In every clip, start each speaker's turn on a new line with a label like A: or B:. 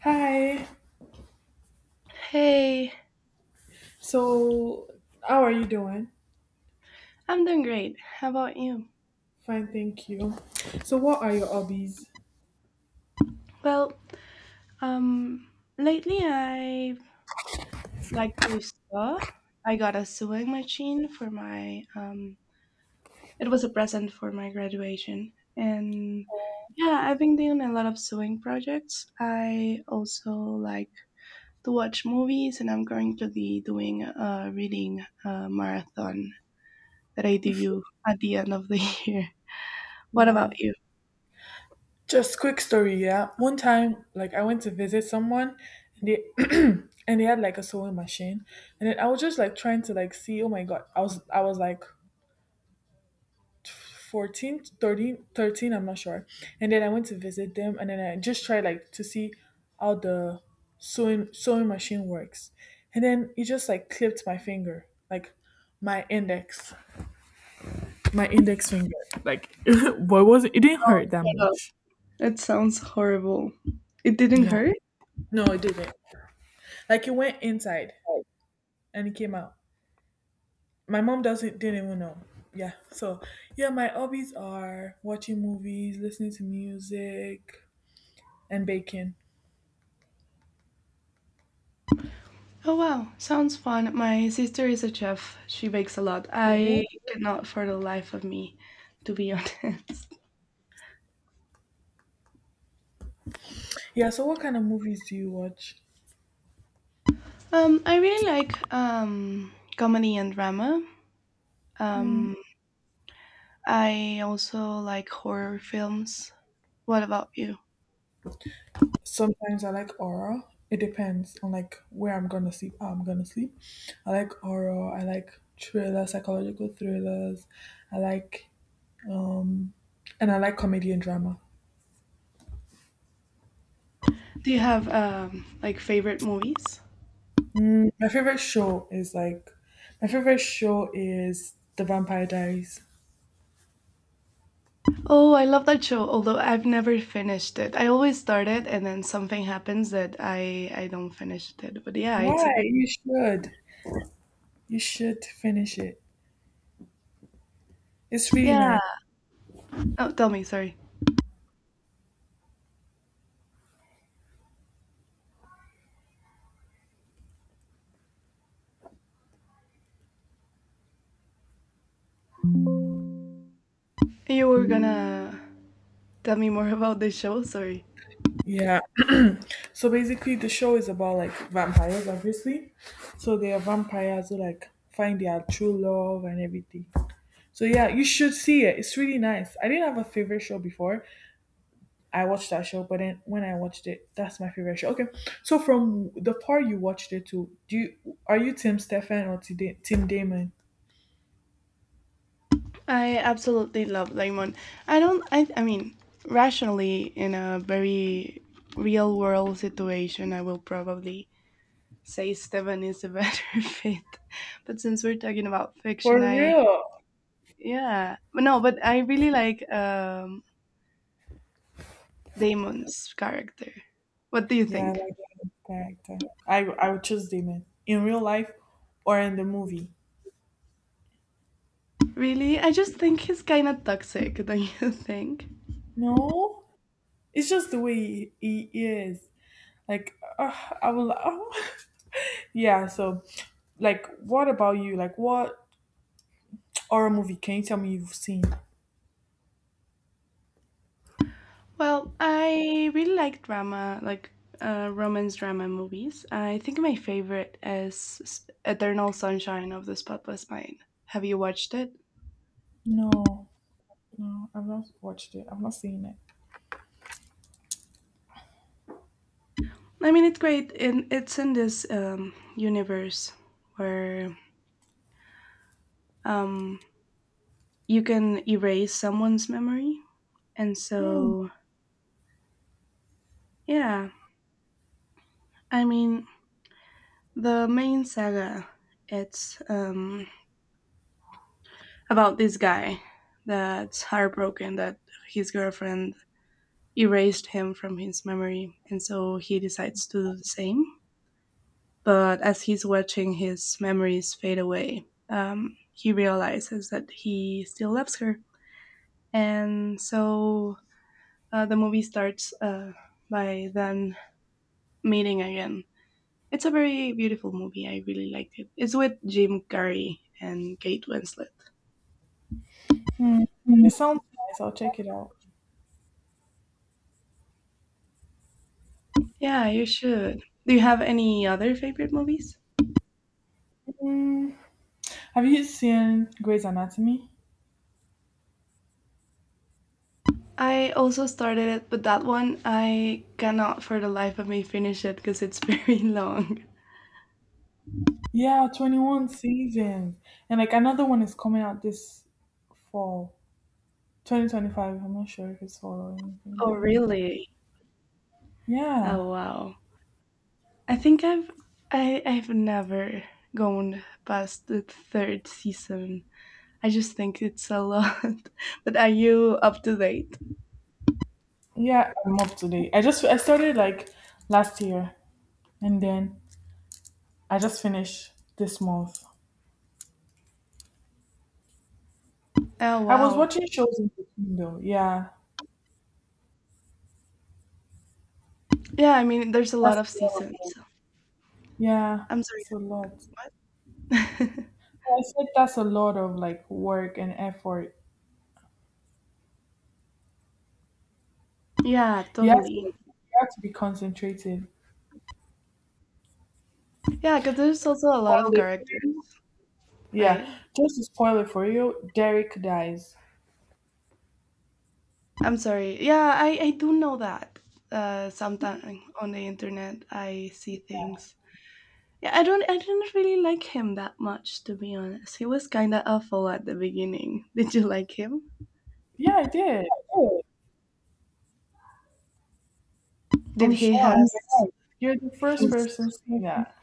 A: Hi.
B: Hey,
A: So, how are you doing?
B: I'm doing great. How about you?
A: Fine, thank you. So, what are your hobbies?
B: Well, um, Lately I like to sew. I got a sewing machine for my, it was a present for my graduation. And yeah, I've been doing a lot of sewing projects. I also like to watch movies and I'm going to be doing a reading marathon that I do at the end of the year. What
A: Yeah.
B: about you?
A: Just quick story, yeah. One time, like I went to visit someone and they and they had like a sewing machine. And then I was just like trying to like see, oh my god, I was like 14, 13, 13, I'm not sure. And then I went to visit them and then I just tried like to see how the sewing machine works. And then it just like clipped my finger, like my index. My index finger, like, what was it? It didn't hurt that
B: Oh,
A: much.
B: it sounds horrible. It didn't
A: Yeah.
B: hurt?
A: No, it didn't. Like, it went inside and it came out. My mom doesn't didn't even know. Yeah. So, yeah, my hobbies are watching movies, listening to music, and baking.
B: Oh wow, sounds fun. My sister is a chef. She bakes a lot.
A: Yeah.
B: I cannot for the life of me, to be honest.
A: Yeah. So, what kind of movies do you watch?
B: I really like comedy and drama. Um, I also like horror films. What about you?
A: Sometimes I like horror. It depends on like where I'm gonna sleep, how I'm gonna sleep. I like horror. I like thriller, psychological thrillers. I like Um, and I like comedy and drama.
B: Do you have like favorite movies?
A: Mm, my favorite show is The Vampire Diaries.
B: Oh, I love that show, although I've never finished it. I always start it and then something happens that I don't finish it. But yeah, it's a
A: Why?
B: great.
A: You should. You should finish it. It's really
B: Yeah.
A: nice.
B: Oh, tell me, sorry. You were gonna. Tell me more about the show. Sorry.
A: Yeah. So basically, the show is about like vampires, obviously. So they are vampires who like find their true love and everything. So yeah, you should see it. It's really nice. I didn't have a favorite show before, I watched that show, but then when I watched it, that's my favorite show. Okay, so from the part you watched it to, do you are you Tim Stefan or Tim Damon?
B: I absolutely love Lemon. I don't. I. I mean, rationally, in a very real world situation, I will probably say Steven is a better fit. But since we're talking about fiction,
A: For
B: I
A: real?
B: yeah. But no, but I really like Damon's character. What do you
A: Yeah, I
B: think?
A: like Tim's character. I would choose Damon in real life or in the movie.
B: Really, I just think he's kind of toxic. Don't you think?
A: No, it's just the way he is. Like I will. Yeah. So like, what about you? Like, what horror movie can you tell me you've seen?
B: Well, I really like drama, like romance drama movies. I think my favorite is Eternal Sunshine of the Spotless Mind. Have you watched it?
A: No, no, I've not watched it. I've not seen it.
B: I mean, it's great, and it's in this universe where um, you can erase someone's memory, and
A: Hmm.
B: so yeah. I mean, the main saga it's about this guy that's heartbroken that his girlfriend erased him from his memory, and so he decides to do the same. But as he's watching his memories fade away, he realizes that he still loves her. And so the movie starts by them meeting again. It's a very beautiful movie. I really liked it. It's with Jim Carrey and Kate Winslet.
A: Hmm.
B: Mm-hmm.
A: It sounds nice. I'll check it out.
B: Yeah, you should. Do you have any other favorite movies?
A: Hmm. Have you seen Grey's Anatomy?
B: I also started it, but that one I cannot for the life of me finish it because it's very long.
A: Yeah, 21 seasons. And like another one is coming out this fall. 2025. I'm not sure if it's fall or anything, but
B: Oh,
A: yeah.
B: really?
A: Yeah.
B: Oh, wow. I think I've I, I've never gone past the third season. I just think it's a lot. But are you up to date?
A: Yeah, I'm up to date. I started like last year and then I just finished this month.
B: Oh,
A: I was
B: wow.
A: watching shows in between though. Yeah.
B: Yeah, I mean, there's a
A: That's
B: lot of
A: a lot of
B: seasons.
A: work.
B: So
A: Yeah,
B: I'm sorry.
A: it's a lot. I said that's a lot of like work and effort.
B: Yeah,
A: You have to
B: totally.
A: you have to be concentrating.
B: Yeah, because there's also a
A: Spoil
B: lot of
A: it for
B: characters,
A: you. Yeah.
B: right?
A: Just to spoil it for you, Derek dies.
B: I'm sorry. Yeah, I do know that. Sometimes on the internet, I see things. Yeah, I don't. I didn't really like him that much, to be honest. He was kind of awful at the beginning. Did you like him?
A: Yeah, I did.
B: Oh, Did
A: I'm
B: he
A: shocked.
B: has?
A: Like you're the first
B: He's
A: person saying that.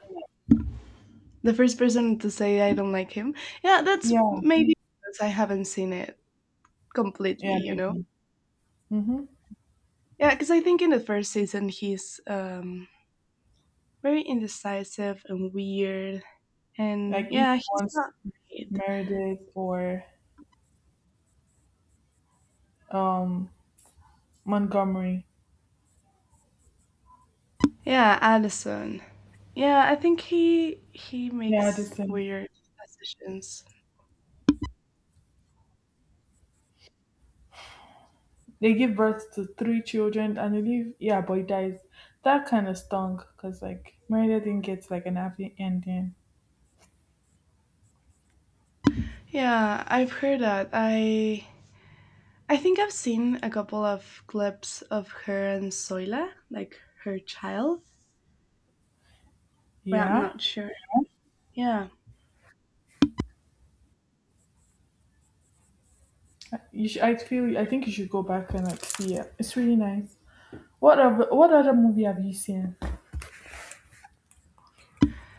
B: the first person to say I don't like him. Yeah, that's
A: Yeah.
B: maybe because I haven't seen it completely.
A: Yeah,
B: You know.
A: maybe. Mm-hmm.
B: Yeah, because I think in the first season he's very indecisive and weird, and
A: Like if
B: yeah,
A: you
B: he's
A: want
B: not great.
A: Meredith or um Montgomery.
B: Yeah, Allison. Yeah, I think he
A: Yeah,
B: makes
A: Addison.
B: weird decisions.
A: They give birth to three children and they leave. Yeah, but he dies. That kind of stung because like Meredith didn't get like an happy ending.
B: Yeah, I've heard that. I think I've seen a couple of clips of her and Soila, like her child, but I'm
A: Yeah.
B: not sure. Yeah.
A: You should, I feel. I think you should go back and like see it. It's really nice. What other movie have you seen?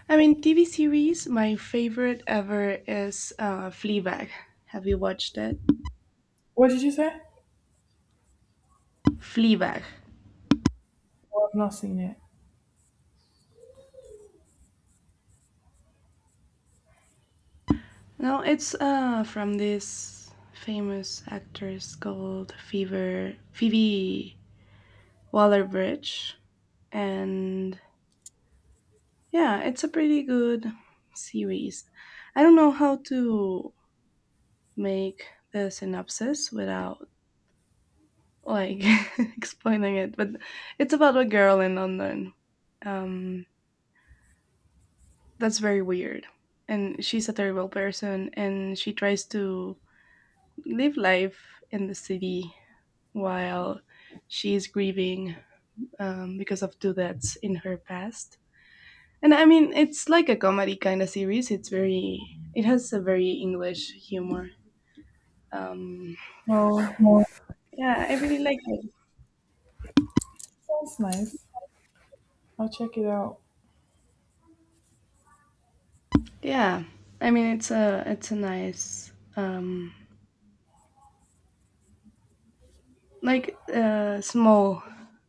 B: I mean, TV series, my favorite ever is Fleabag. Have you watched it?
A: What did you say?
B: Fleabag.
A: Oh, I've not seen it.
B: No, it's from this famous actress called Fever Phoebe Waller Bridge. And yeah, it's a pretty good series. I don't know how to make the synopsis without like explaining it, but it's about a girl in London. Um, that's very weird. And she's a terrible person and she tries to live life in the city while she's grieving because of two deaths in her past. And I mean, it's like a comedy kind of series. It's very, it has a very English humor. Um,
A: Oh,
B: Yeah. Yeah, I really like it.
A: sounds nice. I'll check it out.
B: Yeah, I mean, it's a nice, like small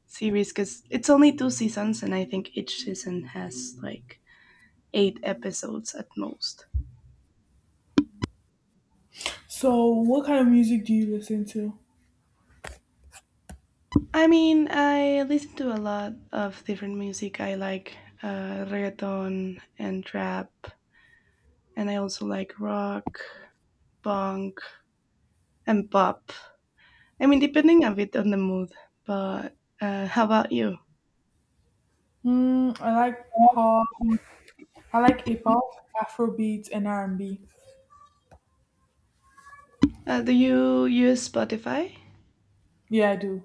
B: series because it's only two seasons, and I think each season has like eight episodes at most.
A: So, what kind of music do you listen to?
B: I mean, I listen to a lot of different music. I like reggaeton and trap, and I also like rock punk and pop. I mean, depending a bit on the mood. But how about you?
A: Hmm. I like pop. I like A-pop, Afrobeat, and R&B.
B: Do you use Spotify?
A: Yeah, I do.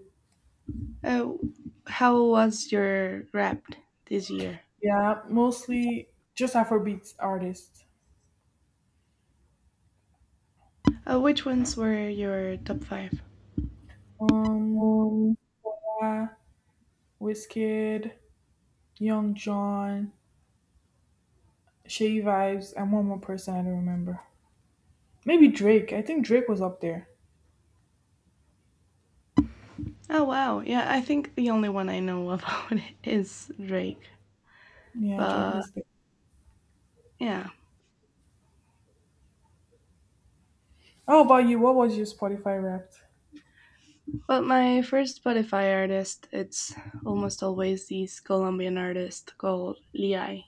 B: Uh, how was your rap this year?
A: Yeah, mostly just Afrobeat artists.
B: Which ones were your top 5?
A: Um,
B: Um,
A: yeah, Wizkid, Young John, Shay Vibes, and one more person I don't remember. Maybe Drake. I think Drake was up there.
B: Oh wow, yeah, I think the only one I know about is Drake.
A: Yeah, Drake
B: But
A: was there.
B: yeah.
A: How about you? What was your Spotify Wrapped?
B: But my first Spotify artist, it's almost always this Colombian artist called Liai.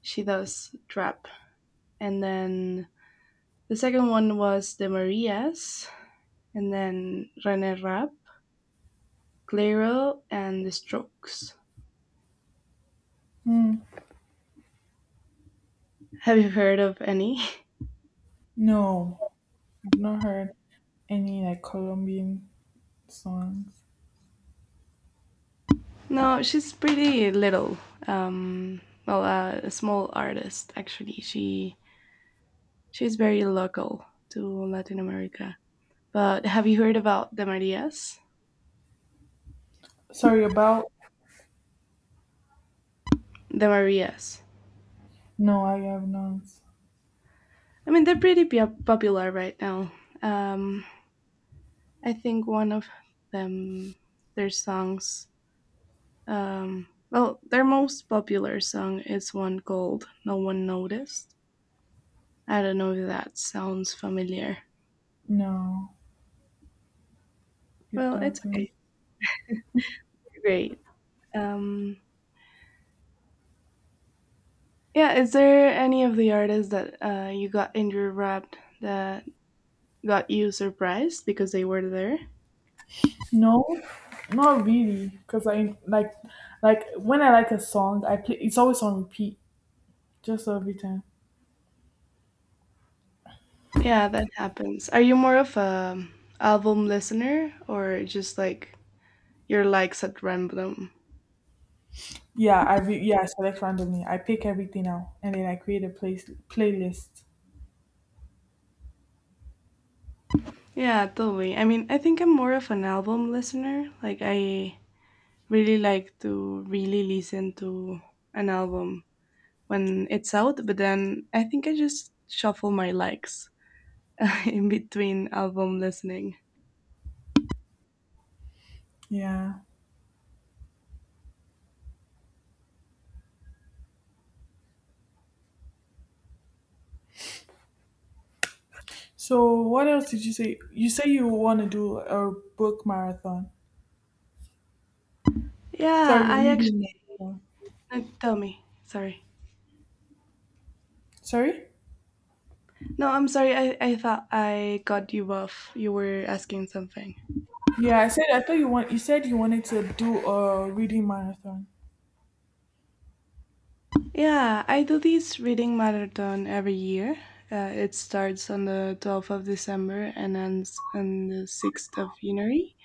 B: She does trap. And then the second one was the Marias, and then René Rapp, Clairol, and the Strokes.
A: Hmm.
B: Have you heard of any?
A: No, I've not heard any like Colombian songs.
B: No, she's pretty little. A small artist actually. She's very local to Latin America. But have you heard about the Marias?
A: Sorry about.
B: The Marias.
A: No, I have not.
B: I mean, they're pretty popular right now. Um, I think them, their songs well, their most popular song is one called No One Noticed. I don't know if that sounds familiar.
A: No, it
B: Well, it's
A: doesn't.
B: okay. Great. Um, yeah, is there any of the artists that you got in your rap that got you surprised because they were there?
A: No, not really. Cause I like when I like a song, I play. It's always on repeat, just every time.
B: Yeah, that happens. Are you more of a album listener or just like your likes at random?
A: Yeah, I select randomly. I pick everything out, and then I create a place playlist.
B: Yeah, totally. I mean, I think I'm more of an album listener. Like I really like to really listen to an album when it's out, but then I think I just shuffle my likes in between album listening.
A: Yeah. So what else did you say? You say you want to do a book marathon.
B: Yeah,
A: Sorry,
B: I
A: reading
B: actually
A: marathon.
B: tell me. Sorry.
A: Sorry?
B: No, I'm sorry. I thought I got you off. You were asking something.
A: Yeah, I said I thought you want you said you wanted to do a reading marathon.
B: Yeah, I do this reading marathon every year. It starts on the 12th of December and ends on the 6th of January.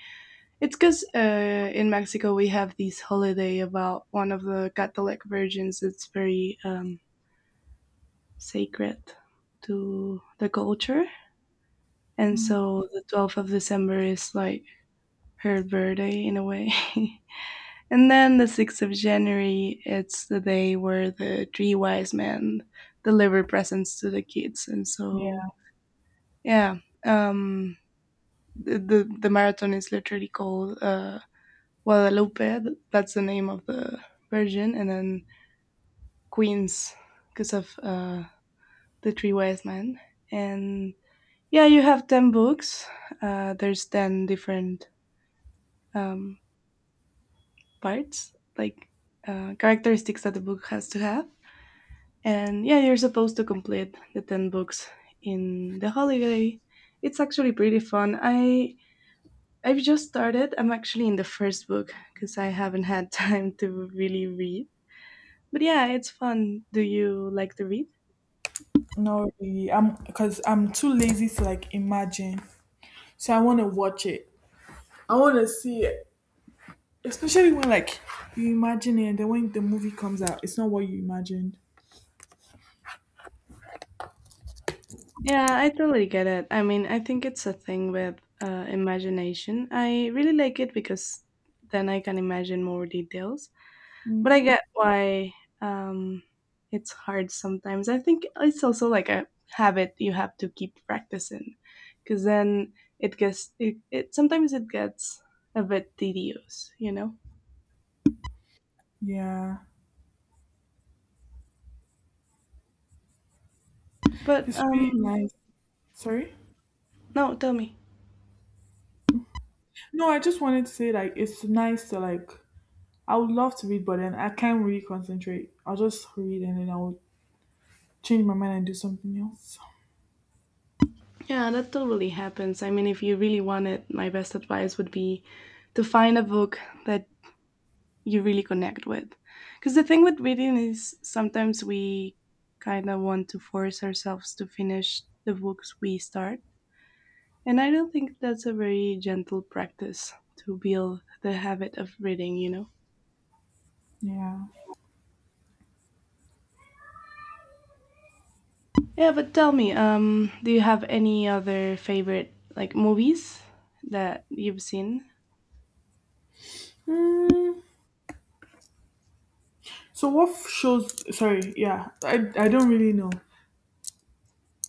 B: It's because in Mexico we have this holiday about one of the Catholic virgins. It's very sacred to the culture, and
A: Mm.
B: so the 12th of December is like her birthday in a way. And then the 6th of January, it's the day where the three wise men deliver presents to the kids, and so
A: Yeah,
B: yeah, um, the marathon is literally called Guadalupe, that's the name of the Virgin, and then Queens because of the three wise men. And yeah, you have 10 books. There's 10 different um, parts, like characteristics that the book has to have. And yeah, you're supposed to complete the 10 books in the holiday. It's actually pretty fun. I've just started. I'm actually in the first book because I haven't had time to really read. But yeah, it's fun. Do you like to read?
A: no, really. I'm because I'm too lazy to like imagine. So I want to watch it. I want to see it, especially when like you imagine it, and then when the movie comes out, it's not what you imagined.
B: Yeah, I totally get it. I mean, I think it's a thing with imagination. I really like it because then I can imagine more details. But I
A: Mm-hmm.
B: get why um, it's hard sometimes. I think it's also like a habit you have to keep practicing because then it sometimes it gets a bit tedious, you know.
A: Yeah,
B: But
A: it's
B: um,
A: really nice. Sorry.
B: no, tell me.
A: No, I just wanted to say like it's nice to like I would love to read, but then I can't really concentrate. I'll just read and then I'll change my mind and do something else.
B: Yeah, that totally happens. I mean, if you really want it, my best advice would be to find a book that you really connect with. Because the thing with reading is sometimes we kind of want to force ourselves to finish the books we start. And I don't think that's a very gentle practice to build the habit of reading, you know?
A: Yeah.
B: Yeah, but tell me, do you have any other favorite like movies that you've seen?
A: Mm. So shows? Sorry. Yeah. I don't really know.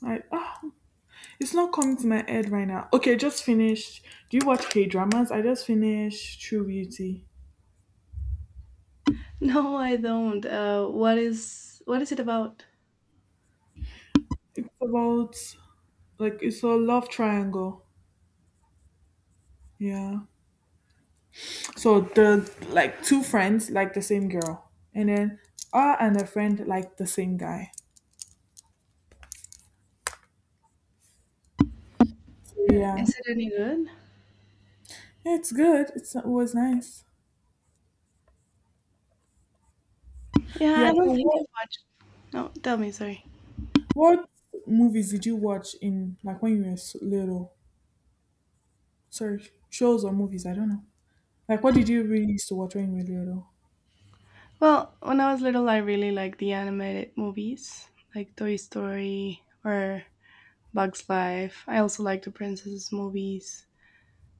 A: I it's not coming to my head right now. Okay, just finished. Do you watch K dramas? I just finished True Beauty.
B: No, I don't. What is it about?
A: It's about like it's a love triangle. Yeah. So the like two friends like the same girl, and then her and her friend like the same guy. So
B: Is
A: yeah.
B: it any good?
A: It's good. It's, it was nice.
B: Yeah,
A: Yeah.
B: I don't
A: So
B: think I've watched. No, tell me, sorry.
A: what movies did you watch in like when you were little? Sorry, shows or movies? I don't know. Like what did you really used to watch when you were little?
B: Well, when I was little, I really liked the animated movies, like Toy Story or Bug's Life. I also liked the princesses movies.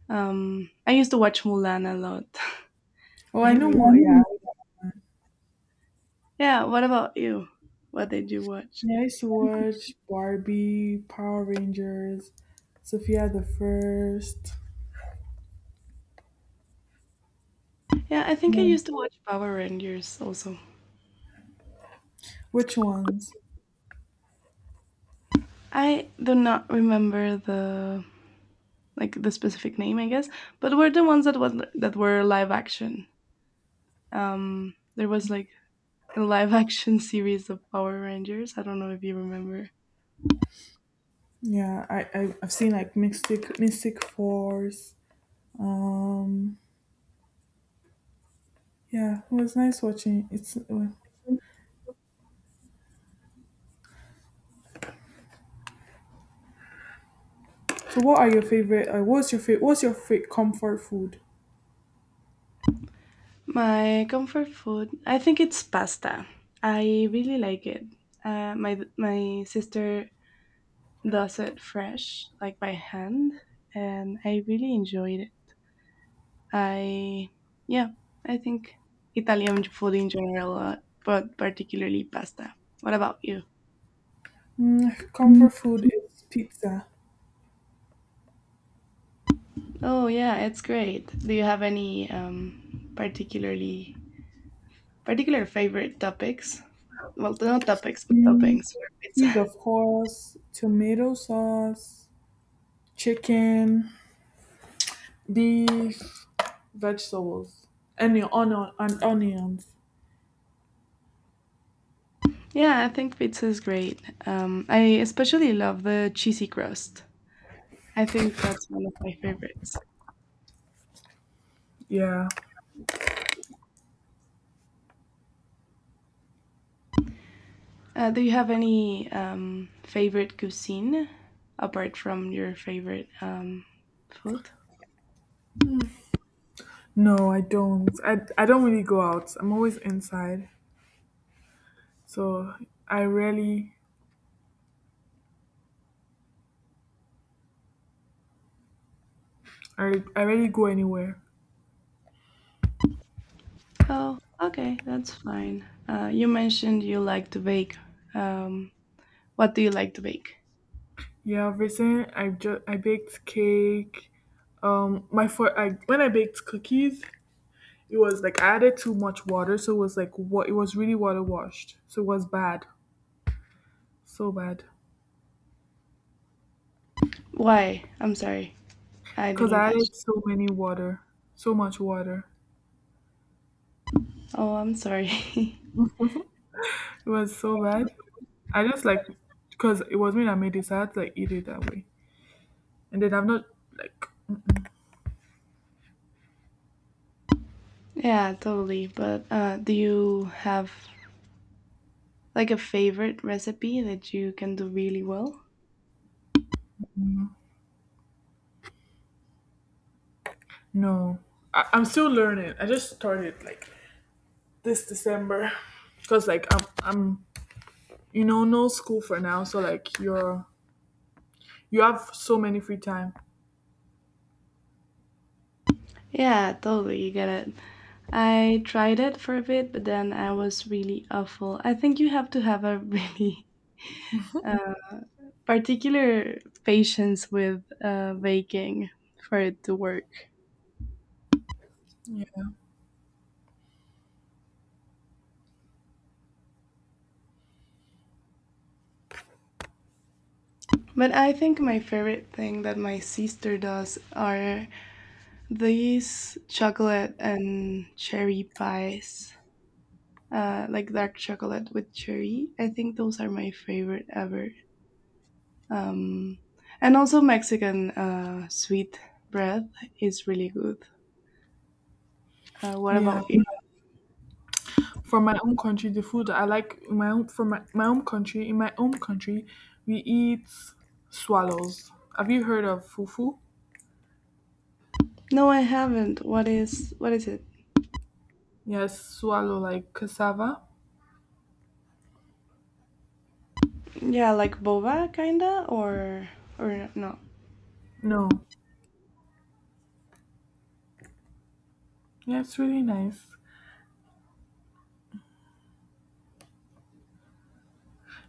B: I used to watch Mulan a lot.
A: Oh, I
B: I
A: know.
B: really.
A: Yeah,
B: Yeah. What about you? What did you watch?
A: yeah. I used to watch Barbie, Power Rangers, Sophia the First.
B: Yeah, I think I
A: Yeah.
B: used to watch Power Rangers also.
A: Which ones?
B: I do not remember the like the specific name, I guess, but were the ones that were live action. There was like a live action series of Power Rangers. I don't know if you remember.
A: Yeah, I've seen like Mystic Force. Um. Yeah, it was nice watching. It's. So what are your favorite what's your favorite comfort food?
B: My comfort food, I think it's pasta. I really like it. My my sister does it fresh, like by hand, and I really enjoyed it. I Yeah, I think Italian food in general, but particularly pasta. What about you?
A: Mm, comfort food is pizza.
B: Oh yeah, it's great. Do you have any particular favorite topics well not topics but
A: Mm,
B: toppings for pizza?
A: cheese of course, tomato sauce, chicken, beef, vegetables, and onions.
B: Yeah, I think pizza is great. I especially love the cheesy crust. I think that's one of my favorites.
A: Yeah.
B: Do you have any favorite cuisine apart from your favorite food?
A: No, I don't. I don't really go out. I'm always inside. So I rarely I rarely go anywhere.
B: Oh okay, that's fine. You mentioned you like to bake. um, what do you like to bake?
A: Yeah, recently I baked cake. My for I when I baked cookies, it was like I added too much water, so it was like what it was really water washed. So it was bad, so bad.
B: Why, I'm sorry, I
A: Cause
B: didn't
A: I
B: catch.
A: added so many water, so much water.
B: Oh, I'm sorry.
A: It was so bad. I just like because it was me that made it, so I had to like eat it that way. And then I have not like.
B: Yeah, totally. But do you have like a favorite recipe that you can do really well?
A: No, I'm still learning. I just started like this December because like I'm you know no school for now, so like you're you have so many free time.
B: Yeah, totally. You get it. I tried it for a bit, but then I was really awful. I think you have to have a really uh, particular patience with baking for it to work.
A: Yeah.
B: But I think my favorite thing that my sister does are these chocolate and cherry pies. Like dark chocolate with cherry. I think those are my favorite ever. Um, and also Mexican sweet bread is really good. What
A: Yeah.
B: about you?
A: From my own country, the food I like in my own from my, my own country in my own country, we eat swallows. Have you heard of fufu?
B: No, I haven't. What is it?
A: Yes, swallow like cassava.
B: Yeah, like boba kinda or no.
A: No. Yeah, it's really nice.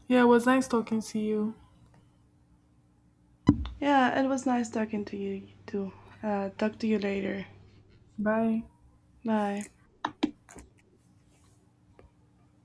A: Yeah, it was nice talking to you.
B: Yeah, it was nice talking to you too. Talk to you later.
A: Bye.
B: Bye.